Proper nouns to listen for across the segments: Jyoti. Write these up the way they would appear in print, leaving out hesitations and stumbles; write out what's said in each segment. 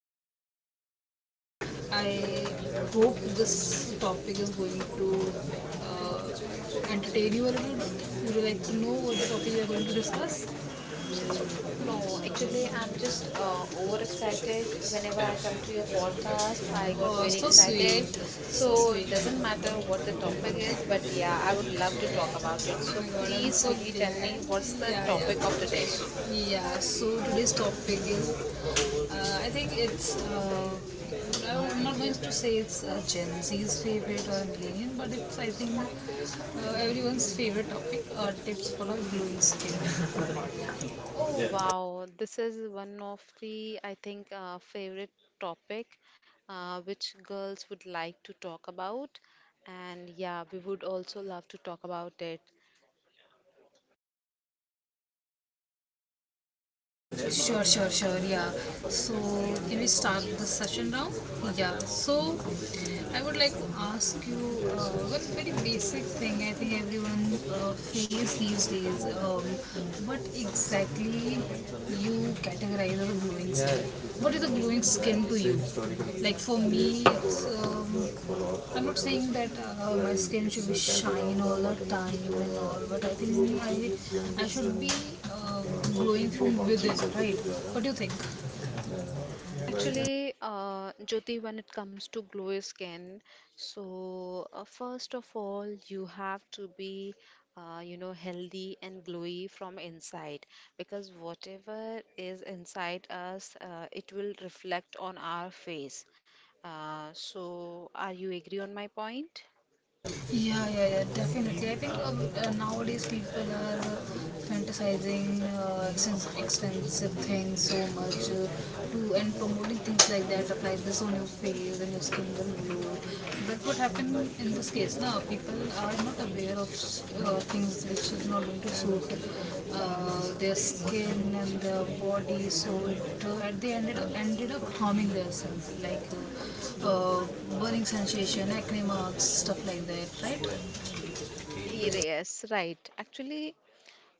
this session because I hope this topic is going to uh, entertain you a little bit. Would you like to know what the topic we are going to discuss? No, actually, I'm just overexcited. Whenever I come to your podcast, I got Oh, very so sweet. excited. So So, it sweet. doesn't Oh matter what the topic is, but yeah, I would love to talk about it. So, my god, I'm please so quickly tell glad. me what's the Yeah, topic of today? yeah. Yeah, so today's topic is I think it's. I'm not going to say it's Gen Z's favorite or millennial, but it's I think everyone's favorite topic tips for a glowing skin. Oh wow, this is one of the I think favorite topic which girls would like to talk about, and yeah, we would also love to talk about it. Sure, sure, sure. Yeah. So, can we start the session now? Yeah. So, I would like to ask you one very basic thing. I think everyone face these days. What exactly you categorize our glowing skin? What is a glowing skin to you? Like for me, it's, I'm not saying that my skin should be shine all the time and all, but I think I should be uh, glowing from within, right? What do you think? Actually, Jyoti, when it comes to glowy skin, so first of all, you have to be, you know, healthy and glowy from inside because whatever is inside us, it will reflect on our face. So, are you agree on my point? Yeah, yeah, yeah, definitely. I think nowadays people are fantasizing expensive, expensive things so much to and promoting things like that. Apply this on your face and your skin will glow. But what happened in this case? Now people are not aware of things which is not going to suit their skin and their body. So it at the ended up harming themselves. Uh, uh, Burning sensation, acne marks, stuff like that, right? Yes, right. Actually,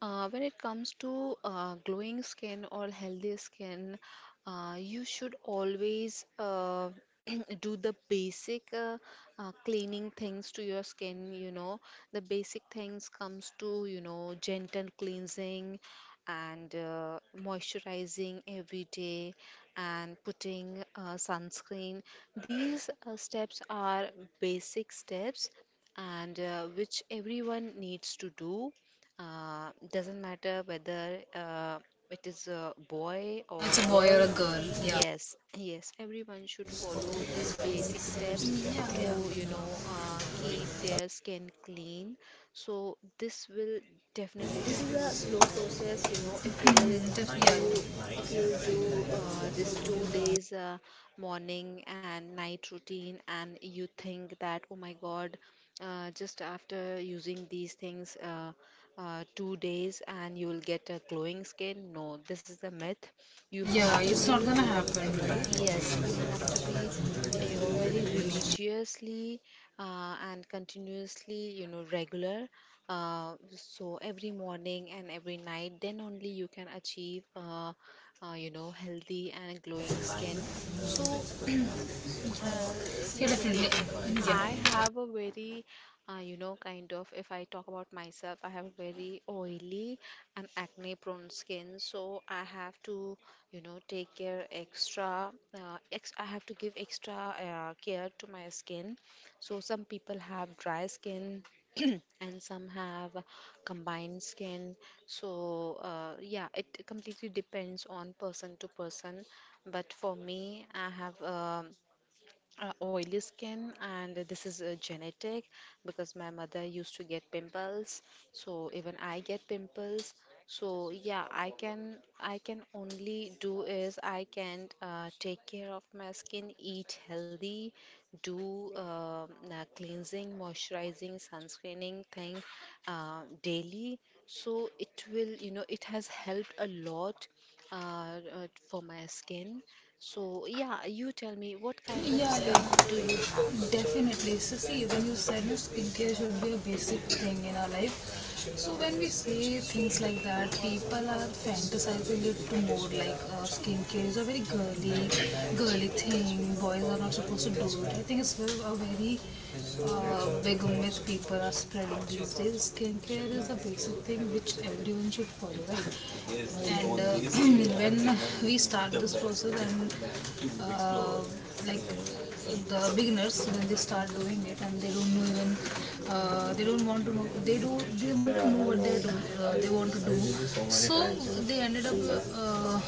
when it comes to glowing skin or healthy skin, you should always do the basic cleaning things to your skin. You know, the basic things comes to, you know, gentle cleansing and moisturizing every day and putting sunscreen. These steps are basic steps and which everyone needs to do. Doesn't matter whether it is a boy Yeah, or it's a boy or girl. a girl. Yeah. Yes, yes, everyone should follow these basic steps Yeah, to, you yeah. know, keep their skin clean. So this will definitely, this is a slow process, you know, do, Yeah. if you'll do this 2 days morning and night routine and you think that, oh my God, just after using these things 2 days and you will get a glowing skin. No, this is a myth. You Yeah, have to it's not be, gonna happen. yes, you have to be, you know, very religiously and continuously, you know, regular, so every morning and every night, then only you can achieve you know, healthy and glowing skin. So uh, see Yeah, Jyoti, definitely. I Yeah. have a very, you know, kind of, if I talk about myself, I have a very oily and acne prone skin. So I have to, you know, take care extra, ex I have to give extra care to my skin. So some people have dry skin and some have combined skin. So yeah, it completely depends on person to person. But for me, I have. Oily skin, and this is a genetic because my mother used to get pimples, so even I get pimples. So yeah, I can only do is I can take care of my skin, eat healthy, do cleansing, moisturizing, sunscreening thing daily. So it will, you know, it has helped a lot uh, for my skin. So yeah, you tell me, what kind of Yeah, skin yeah. do you have? Definitely. So see, when you said that skincare should be a basic thing in our life, so when we say things like that, people are fantasizing it to more like skincare is a very girly, girly thing. Boys are not supposed to do it. I think it's a very big myth people are spreading these days. Skincare is a basic thing which everyone should follow, right? And when we start this process and like the beginners when they start doing it and they don't know even they don't want to know they do they want to know what they do they want to do. So they ended up uh,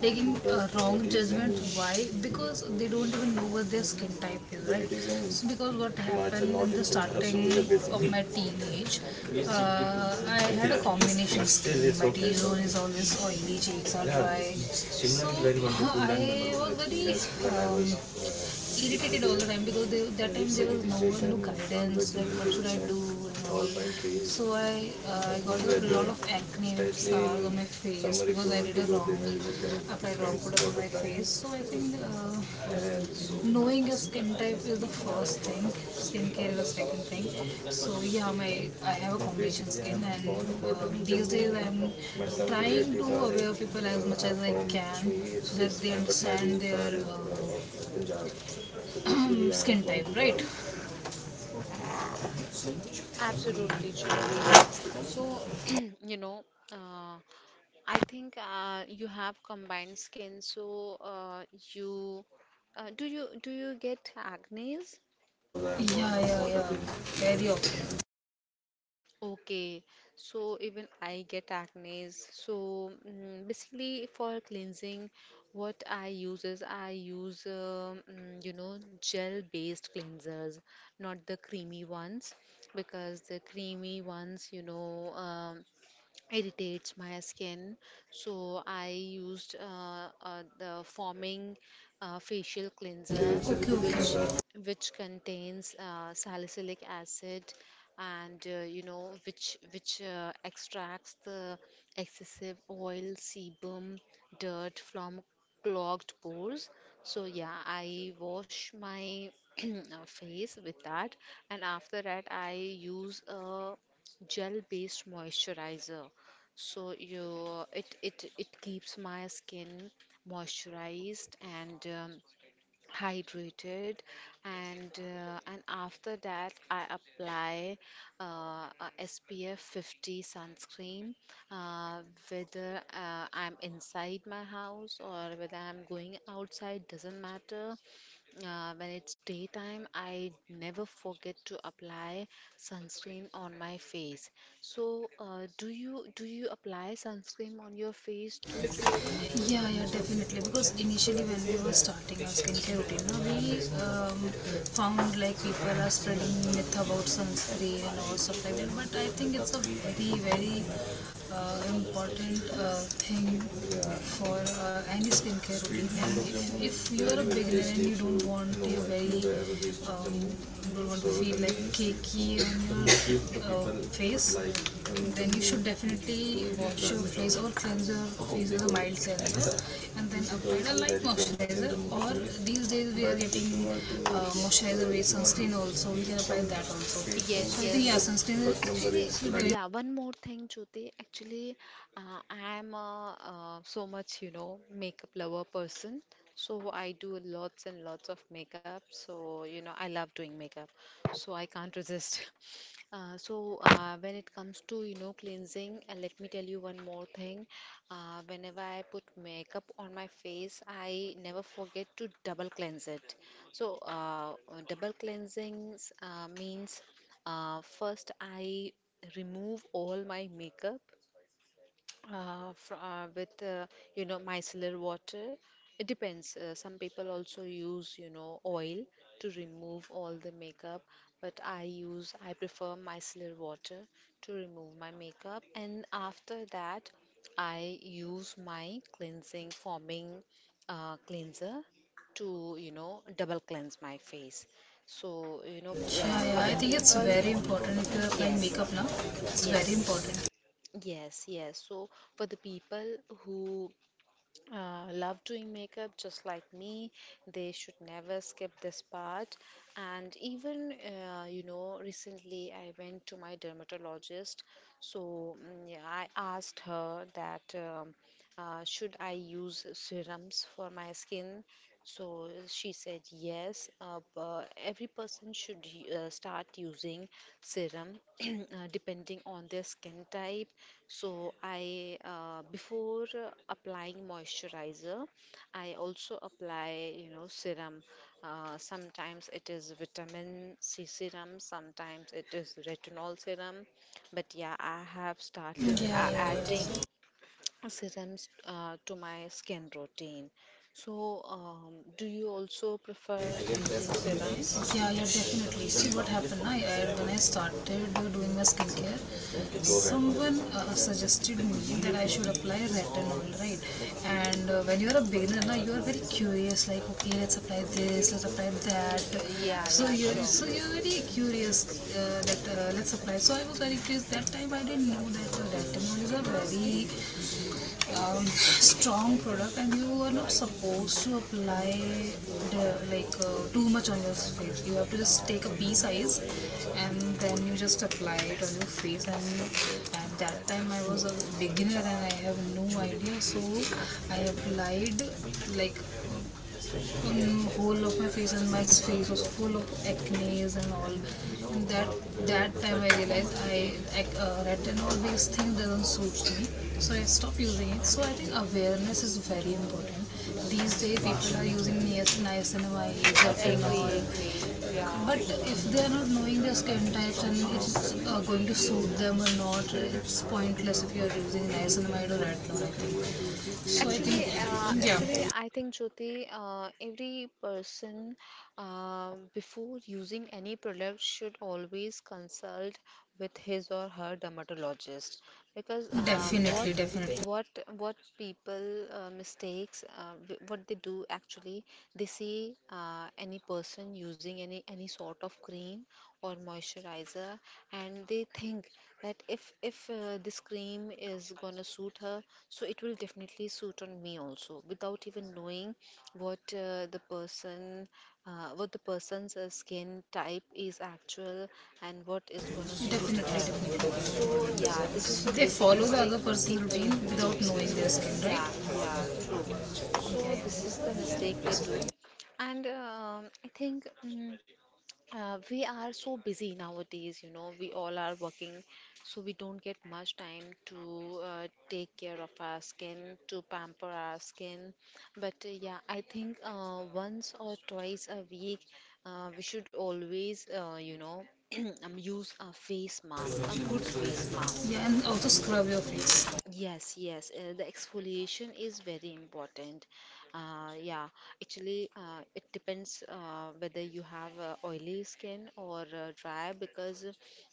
taking a wrong judgment, why? Because they don't even know what their skin type is, right? So because what happened in the starting of my teenage, I had a combination skin. My T zone is always oily, cheeks are dry, so I was very um, irritated all the time because that time there was no one to guidance, like what should I do and all. So I got a lot of acne and scars on my face because I did a applied wrong product on my face. So I think knowing your skin type is the first thing, skincare is the second thing. So yeah, my I have a combination skin and these days I'm trying to aware people as much as I can so that they understand their skin type, right? Absolutely, Jyoti. So you know, uh, I think you have combined skin. So, you do you get acne Yeah, yeah, on your skin? yeah. Very Area. Okay, Okay, so even I get acne. So, mm, basically, for cleansing, what I use is I use you know, gel-based cleansers, not the creamy ones, because the creamy ones, you know. Irritates my skin, so I used the foaming facial cleanser which okay. Contains salicylic acid and you know, which extracts the excessive oil, sebum, dirt from clogged pores. So yeah, I wash my face with that, and after that I use a gel based moisturizer. So you, it keeps my skin moisturized and hydrated, and after that I apply uh, a SPF 50 sunscreen, uh, whether I'm inside my house or whether I'm going outside, doesn't matter, when it's daytime, I never forget to apply sunscreen on my face. So, do you apply sunscreen on your face too, Jyoti? Yeah, yeah, definitely. Because initially, when we were starting our skincare routine, no, we found like people are spreading myth about sunscreen and all stuff like that. But I think it's a very, very important thing for any skincare routine. And if you are a beginner and you don't want your very um, don't want to feel like cakey on your face, then you should definitely wash your face or cleanse your face with a mild cleanser and then apply a light moisturizer. Or these days we are getting moisturizer based sunscreen also, we can apply that also. Yes, So I think yeah, yes. sunscreen Actually, is very yeah, one more thing, Jyoti. Actually, I am a, so much, you know, makeup lover person. So I do lots and lots of makeup. So, you know, I love doing makeup. So I can't resist. So when it comes to, you know, cleansing, let me tell you one more thing. Whenever I put makeup on my face, I never forget to double cleanse it. So double cleansings means first, I remove all my makeup fr with you know, micellar water. It depends. Some people also use you know, oil to remove all the makeup, but I prefer micellar water to remove my makeup. And after that, I use my cleansing forming cleanser to, you know, double cleanse my face. So you know yeah, for yeah, the I think it's people. very important. If you are applying Yes, makeup now, it's very yes, important. yes, yes. So for the people who love doing makeup just like me, they should never skip this part. And even you know, recently I went to my dermatologist, so mm, yeah, I asked her that should I use serums for my skin. So she said yes, every person should start using serum depending on their skin type. So I before applying moisturizer, I also apply, you know, serum. Sometimes it is vitamin C serum, sometimes it is retinol serum. But yeah, I have Yeah started yeah, yeah. adding serums to my skin routine. So do you also prefer using serums? Yeah, yeah, definitely. See what happened, when I started doing my skincare, someone suggested me that I should apply retinol, right? And when you're a beginner, now you are very curious, like okay, let's apply this, let's apply that. Okay, yeah, So yeah, sure. so you're very curious that let's apply. So I was very curious. That time I didn't know that retinol is a very strong product and you are not supposed to apply the, like too much on your face. You have to just take a pea size and then you just apply it on your face. And at that time I was a beginner and I have no idea. So I applied like whole of my face and my face was full of acne's and all. And that time I realized I retinol based thing doesn't suit me, so I stopped using it. So I think awareness is very important. These days people are using niacinamide Agree, retinol, agree. Yeah. but if they are not knowing their skin types and it's going to suit them or not, it's pointless if you are using niacinamide or retinol. I think. So I Actually, uh, think, actually, yeah, I think Jyoti, every person before using any product should always consult with his or her dermatologist, because definitely, definitely. what what people what they do actually, they see any person using any sort of cream or moisturizer, and they think that if this cream is gonna suit her, so it will definitely suit on me also, without even knowing what the person what the person's skin type is actual and what is gonna suit Definitely, her. definitely. So yeah, this is the They basic follow the mistake other person's routine people do. without knowing their skin, right? Yeah, yeah, true. Yeah, So this is the yeah. mistake they do. And I think, we are so busy nowadays, you know, we all are working, so we don't get much time to take care of our skin, to pamper our skin. But yeah, I think once or twice a week, we should always, you know, use a face mask, a good face mask. Yeah, and also scrub your face. Yes, yes, the exfoliation is very important. Yeah, actually, it depends whether you have oily skin or dry, because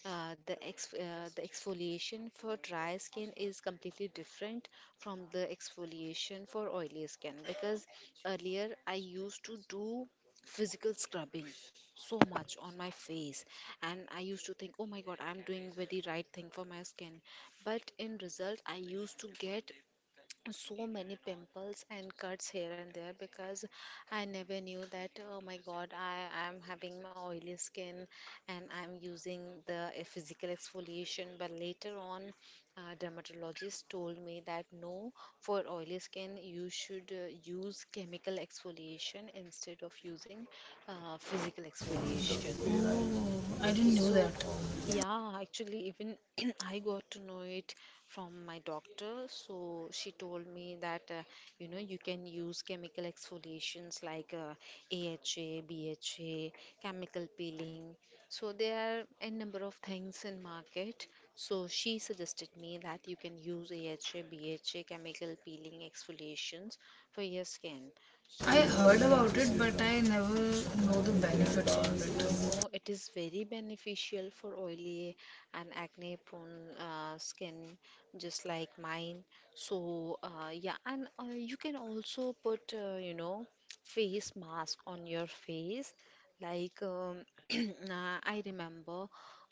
the exfoliation for dry skin is completely different from the exfoliation for oily skin. Because earlier I used to do physical scrubbing so much on my face, and I used to think, oh my god, I'm doing very right thing for my skin. But in result, I used to get so many pimples and cuts here and there, because I never knew that, oh my god, I am having my oily skin, and I'm using the physical exfoliation. But later on, dermatologist told me that no, for oily skin, you should use chemical exfoliation instead of using physical exfoliation. I didn't know So, that. yeah, actually, even I got to know it from my doctor. So she told me that you know, you can use chemical exfoliations, like AHA, BHA, chemical peeling. So there are a number of things in market. So she suggested me that you can use AHA, BHA, chemical peeling exfoliations for your skin. I So heard yeah. about it, but I never know the benefits No, of it. no, it is very beneficial for oily and acne prone skin, just like mine. So, yeah, and you can also put, you know, face mask on your face. Like, I remember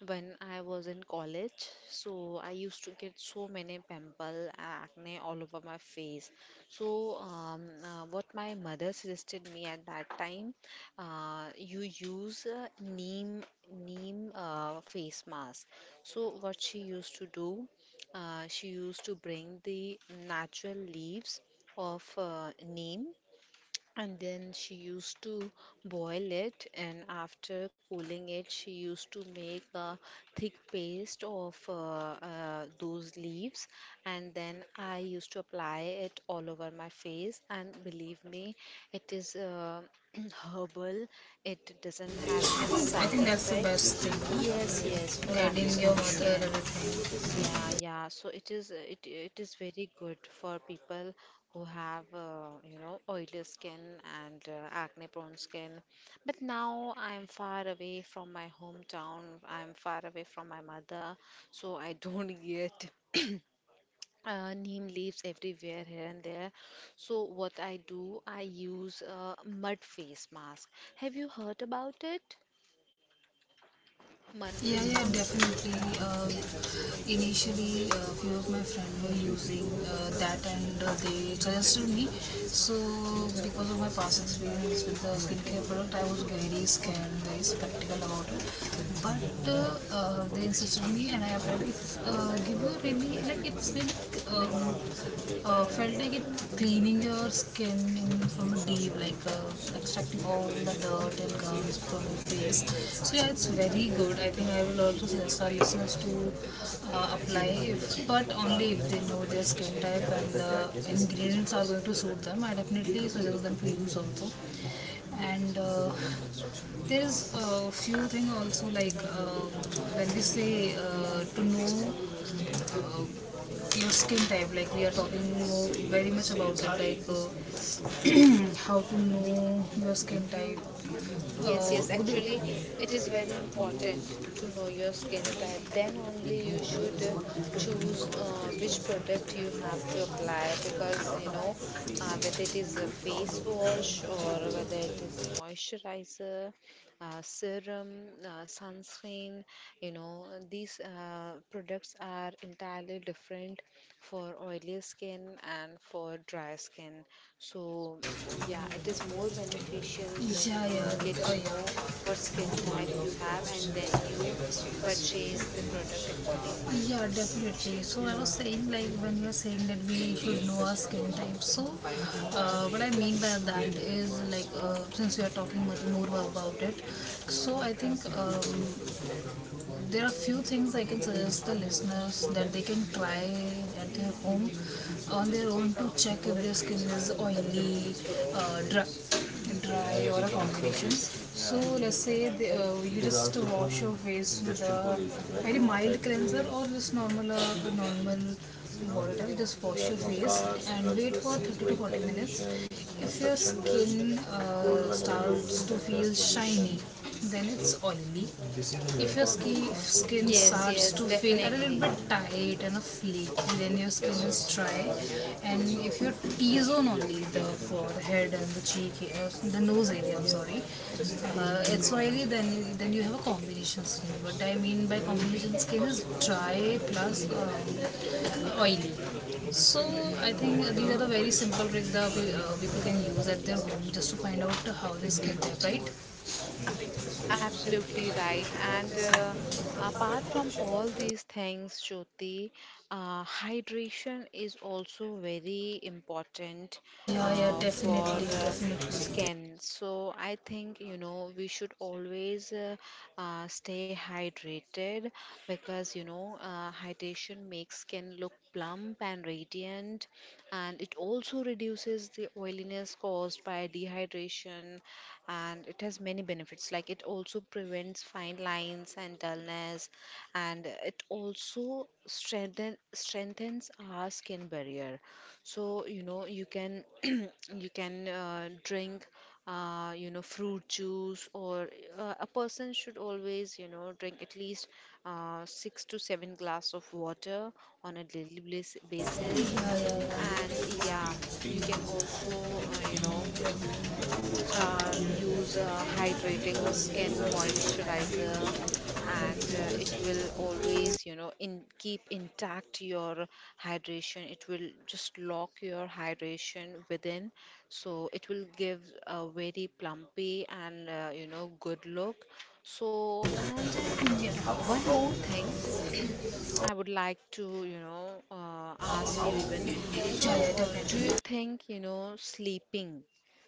when I was in college. So I used to get so many pimple acne all over my face. So what my mother suggested me at that time, you use neem neem face mask. So what she used to do, she used to bring the natural leaves of neem, and then she used to boil it, and after cooling it, she used to make a thick paste of those leaves. And then I used to apply it all over my face. And believe me, it is herbal, it doesn't have any I side think that's the effects. best thing. Yes, yes, for Guiding acne your prone mother, skin. everything. Yeah, yeah. So it is it is very good for people who have you know, oily skin and acne prone skin. But now I'm far away from my hometown. I'm far away from my mother, so I don't get neem leaves everywhere here and there. So what I do, I use a mud face mask. Have you heard about it? Mud Yeah, face yeah, mask? definitely. Uh, Initially, a few of my friends were using that and they suggested me. So, because of my past experience with the skincare product, I was very scared and very skeptical about it. But they insisted me, and I applied. It's give you really like it's been um, felt like it cleaning your skin from deep, like extracting all the dirt and gums from your face. So yeah, it's very good. I think I will also suggest our listeners to apply, if, but only if they know their skin type and the ingredients are going to suit them. I definitely suggest them to use also. And there is a few things also like when we say to know uh, your skin type, like we are talking very much about it like how to know your skin type. Yes, uh, yes. would you, Actually, it is very important to know your skin type. Then only you should choose which product you have to apply because you know whether it is a face wash or whether it is moisturizer, serum, sunscreen. You know, these products are entirely different for oily skin and for dry skin. So, yeah, it is more beneficial when yeah you get yeah, to know yeah. what skin type you have and then you purchase the product accordingly. Yeah definitely, so I was saying like when you are saying that we should know our skin type, so what I mean by that is like, since we are talking much more about it, so I think there are few things I can suggest the listeners that they can try at their home on their own to check if their skin is oily, uh, dry, dry or a combination. So let's say you just wash your face with a very mild cleanser or just normal normal water. Just wash your face and wait for 30 to 40 minutes. If your skin starts to feel shiny, then it's oily. If your skin Yes, starts yes, to feel a little definitely. bit tight and a flaky, then your skin is dry. And if your T zone only, the forehead and the cheek, the nose area, I'm sorry, it's oily, then you have a combination skin. What I mean by combination skin is dry plus oily. So I think these are the very simple tricks that people can use at their home just to find out how their skin type, right? Absolutely right. And apart from all these things, Jyoti, hydration is also very important Yeah, yeah, for definitely, definitely. skin. So I think, you know, we should always stay hydrated because, you know, hydration makes skin look plump and radiant, and it also reduces the oiliness caused by dehydration, and it has many benefits. Like it also prevents fine lines and dullness, and it also strengthens our skin barrier. So, you know, you can you can drink you know, fruit juice, or a person should always, you know, drink at least 6 to 7 glass of water on a daily basis. And yeah, you can also, you know, use a hydrating skin moisturizer, and it will always, you know, in keep intact your hydration. It will just lock your hydration within, so it will give a very plumpy and, you know, good look. So and Yeah, yeah, One more thing, I would like to, you know, ask you even. So, yeah, do you definitely. think, you know,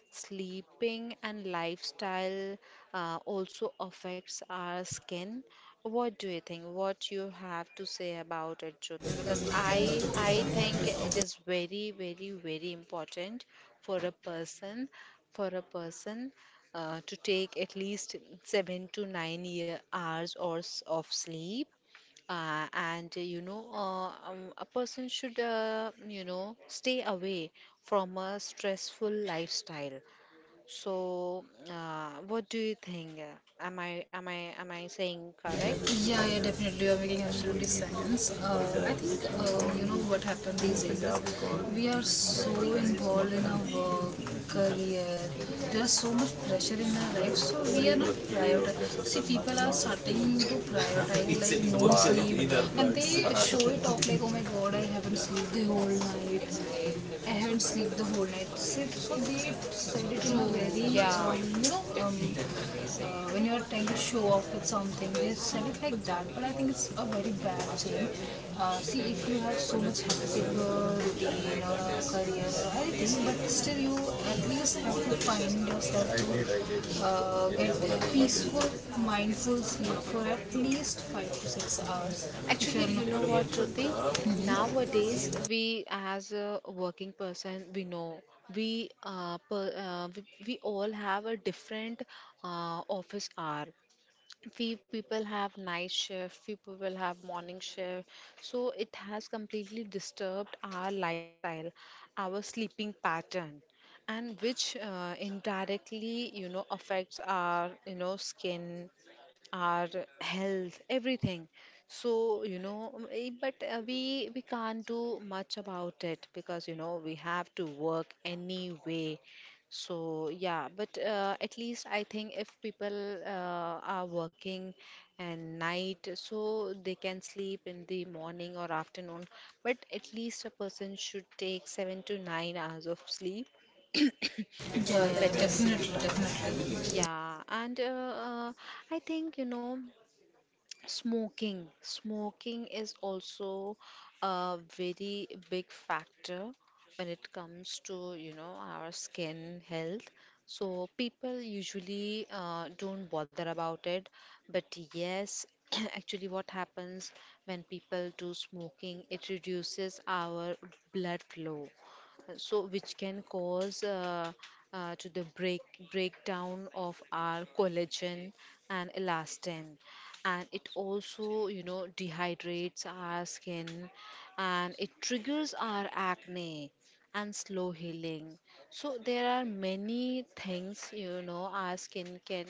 sleeping and lifestyle also affects our skin. What do you think? What you have to say about it, Jyoti? Because I think it is very, very, very important for a person for a person to take at least 7 to 9 year hours or of sleep. And You know, a person should you know stay away from a stressful lifestyle. So, what do you think? Am I saying correct? Yeah, yeah, definitely. You're making absolutely sense. I think you know what happened these days is we are so involved in our work, career. There's so much pressure in our life, so we are not prioritizing. See, people are starting to prioritize like no sleep, and they show it off like, oh my god, I haven't slept the whole night. I haven't slept the whole night. So they said it in a True, very, yeah. When you are trying to show off with something, they said it like that. But I think it's a very bad thing. See, if you have so much hectic routine or career or anything, but still you at least have to find yourself to get peaceful, mindful sleep for at least 5 to 6 hours. If Actually, you're you know not, what, Jyoti? Nowadays, we as a working person, we know we all have a different office hour. Few people have night shift, few people have morning shift, so it has completely disturbed our lifestyle, our sleeping pattern, and which indirectly, you know, affects our, you know, skin, our health, everything. So, you know, eh, but we can't do much about it because, you know, we have to work anyway. So, yeah, but at least I think if people are working and night, so they can sleep in the morning or afternoon. But at least a person should take 7 to 9 hours of sleep yeah, for yeah, better definitely, skin. definitely. Yeah, and uh, I think you know. Smoking. Smoking is also a very big factor when it comes to, you know, our skin health. So people usually don't bother about it, but yes, actually what happens when people do smoking, it reduces our blood flow, so which can cause to the breakdown of our collagen and elastin. And it also, you know, dehydrates our skin, and it triggers our acne and slow healing. So there are many things, you know, our skin can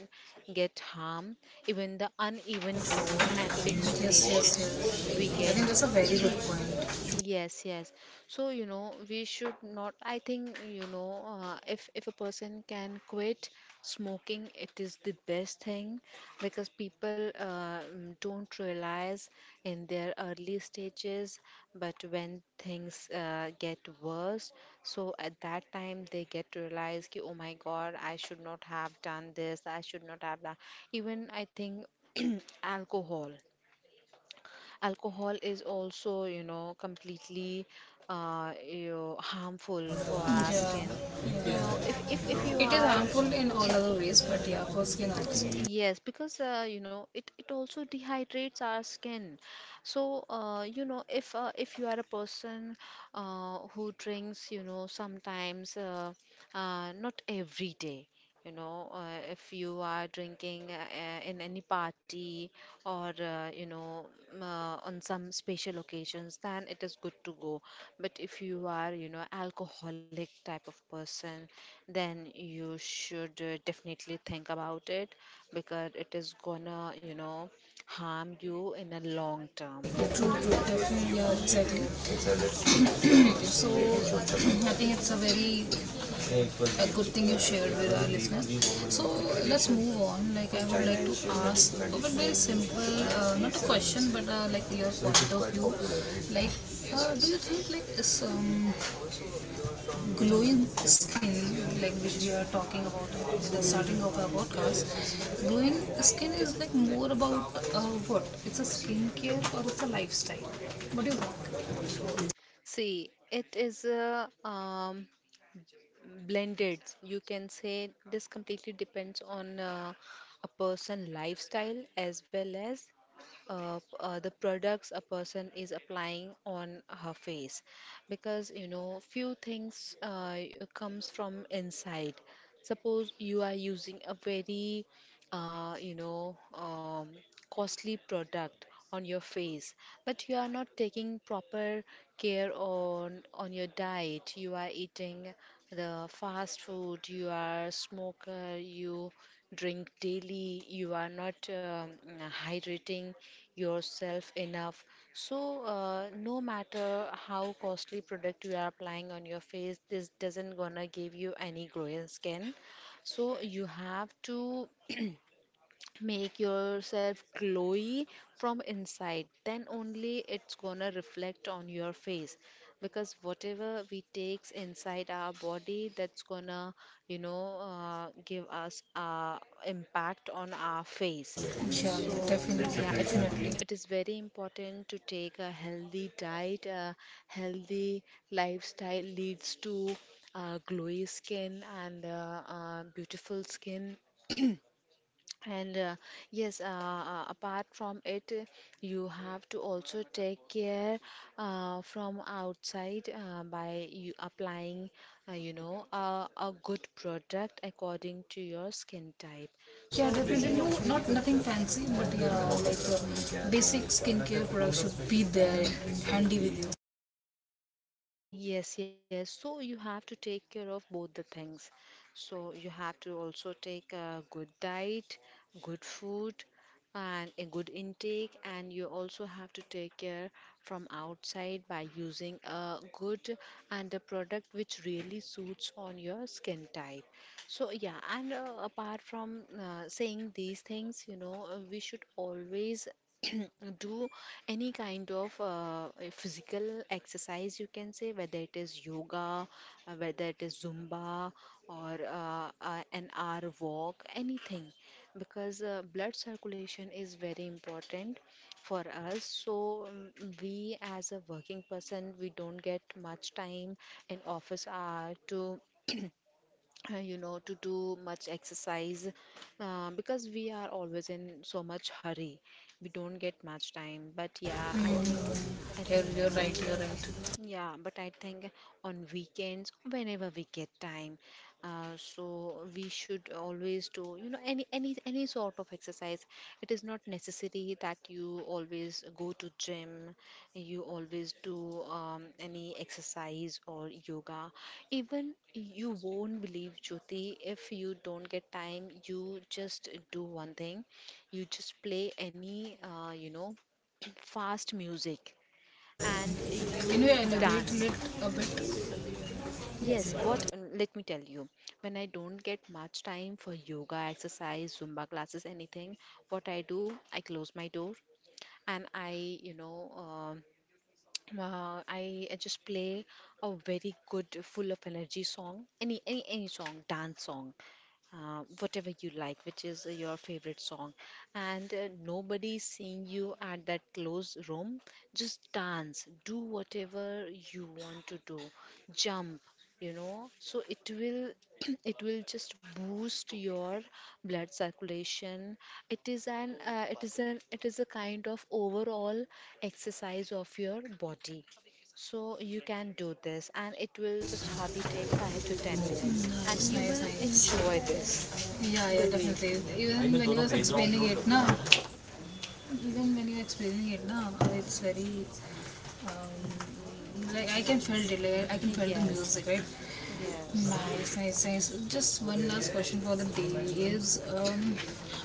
get harm, even the uneven tone and Yes, yes, yes. pigmentation we I think get. that's a very good point. Yes, yes. So, you know, we should not, I think, you know, if a person can quit smoking, it is the best thing, because people don't realize in their early stages, but when things get worse, so at that time they get to realize ki, oh my God, I should not have done this, I should not have that. Even I think alcohol. Alcohol is also, you know, completely you know, harmful for our Yeah. skin. You know, if you It is are harmful in all other ways, but yeah, for skin also. Yeah, yes, because you know, it also dehydrates our skin. So, you know, if you are a person who drinks, you know, sometimes not every day. You know, if you are drinking in any party, or, you know, on some special occasions, then it is good to go. But if you are, you know, alcoholic type of person, then you should definitely think about it, because it is gonna, you know, harm you in a long term. true, true, definitely, yeah, exactly. So, So, I think it's a very a good thing you shared with our listeners. So, let's move on. Like, I would like to ask a bit very simple, not a question, but like your point of view. Like, do you think like is glowing skin, like which we are talking about at the starting of our podcast, glowing skin is like more about what? It's a skincare or it's a lifestyle. What do you think? see, it is a blended, you can say. This completely depends on a person lifestyle, as well as the products a person is applying on her face. Because you know few things comes from inside. Suppose you are using a very you know costly product on your face, but you are not taking proper care on your diet. You are eating the fast food, you are smoker, you drink daily, you are not hydrating yourself enough. So, no matter how costly product you are applying on your face, this doesn't gonna give you any glowing skin. So, you have to. Make yourself glowy from inside, then only it's gonna reflect on your face. Because whatever we takes inside our body, that's gonna, you know, give us impact on our face. Yeah, yeah, So definitely, yeah, it is definitely. Very important to take a healthy diet. A healthy lifestyle leads to glowy skin and beautiful skin. And yes, apart from it, you have to also take care from outside, by you applying, you know, a good product according to your skin type. Yeah, So, you definitely. No, know, not nothing fancy, but yeah, like basic skincare products should be there, handy with you. yes, yes. So you have to take care of both the things. So you have to also take a good diet, good food, and a good intake. And you also have to take care from outside by using a good and a product which really suits on your skin type. So yeah, and apart from saying these things, you know, we should always do any kind of a physical exercise, you can say, whether it is yoga, whether it is zumba, or an hour walk, anything, because blood circulation is very important for us. So we, as a working person, we don't get much time in office hour to, you know, to do much exercise, because we are always in so much hurry. We don't get much time. But yeah, I think, I Yeah, think. you're right, you're right. Yeah, but I think on weekends, whenever we get time, so we should always do, you know, any sort of exercise. It is not necessary that you always go to gym, you always do any exercise or yoga. Even you won't believe, Jyoti, if you don't get time, you just do one thing. You just play any, you know, fast music and Can you you elaborate dance. A bit? Yes, what let me tell you, when I don't get much time for yoga, exercise, Zumba classes, anything, what I do, I close my door and you know, um uh, I, I just play a very good, full of energy song, any song, dance song, whatever you like, which is your favorite song, and nobody's seeing you at that closed room. Just dance, do whatever you want to do, jump, you know. So it will, it will just boost your blood circulation. It is a kind of overall exercise of your body. So you can do this, and it will just hardly take 5 to 10 minutes, Nice, and you nice, will enjoy nice. this. Yeah, yeah, Believe definitely. me. Even when you were explaining it, now even when you're explaining it now, it's very like I can feel it. Like I can feel the Yes, music, right? yes. Nice, nice, nice. Just one last question for the day is,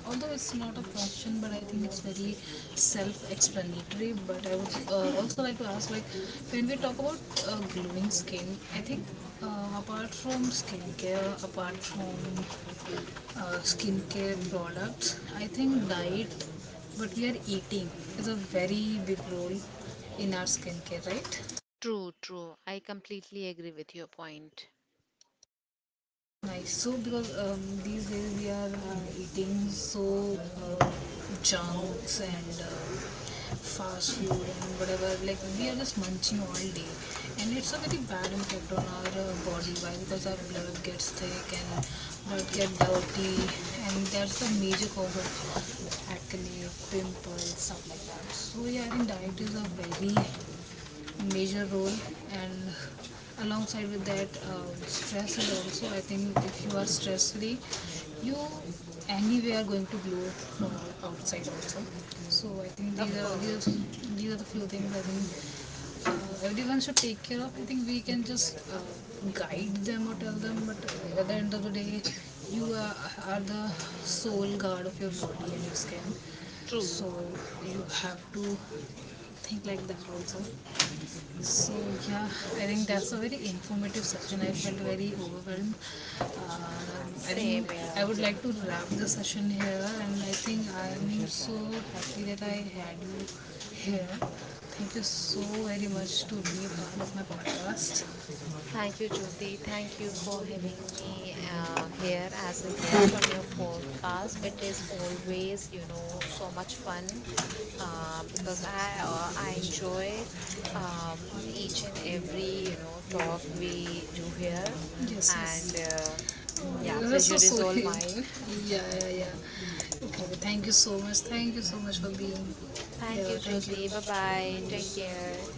although it's not a question, but I think it's very self-explanatory. But I would also like to ask, like, when we talk about glowing skin, I think apart from skincare products. I think diet, what we are eating, is a very big role in our skincare, right? True, true. I completely agree with your point. Nice. So, because these days we are eating so junks and fast food and whatever, like we are just munching all day, and it's a very bad impact on our body. Why? Because our blood gets thick and blood get dirty, and that's the major cause of acne, pimples, stuff like that. So, yeah, I think diet is a very major role, and alongside with that stress is also, I think if you are stress free, you anyway are going to glow from outside also. So I think these Of are course. These are the few things I think everyone should take care of. I think we can just guide them or tell them, but at the end of the day you are, are the sole guard of your body and your skin, True. so you have to think like that also. So yeah, I think that's a very informative session. I felt very overwhelmed. Um, I Same think I here. would like to wrap the session here, and I think I am so happy that I had you here. Thank you so very much to be a part of my podcast. Thank you, Jyoti. Thank you for having me here as a guest on your podcast. It is always, you know, so much fun because I enjoy um, each and every, you know, talk we do here, Yes, and yes. Yeah, Yes, that's so pleasure is all sweet. mine. Yeah, yeah, yeah. Okay, thank you so much. Thank you so much for being Thank here. you, Thank Jyoti. Bye bye. Take you. care.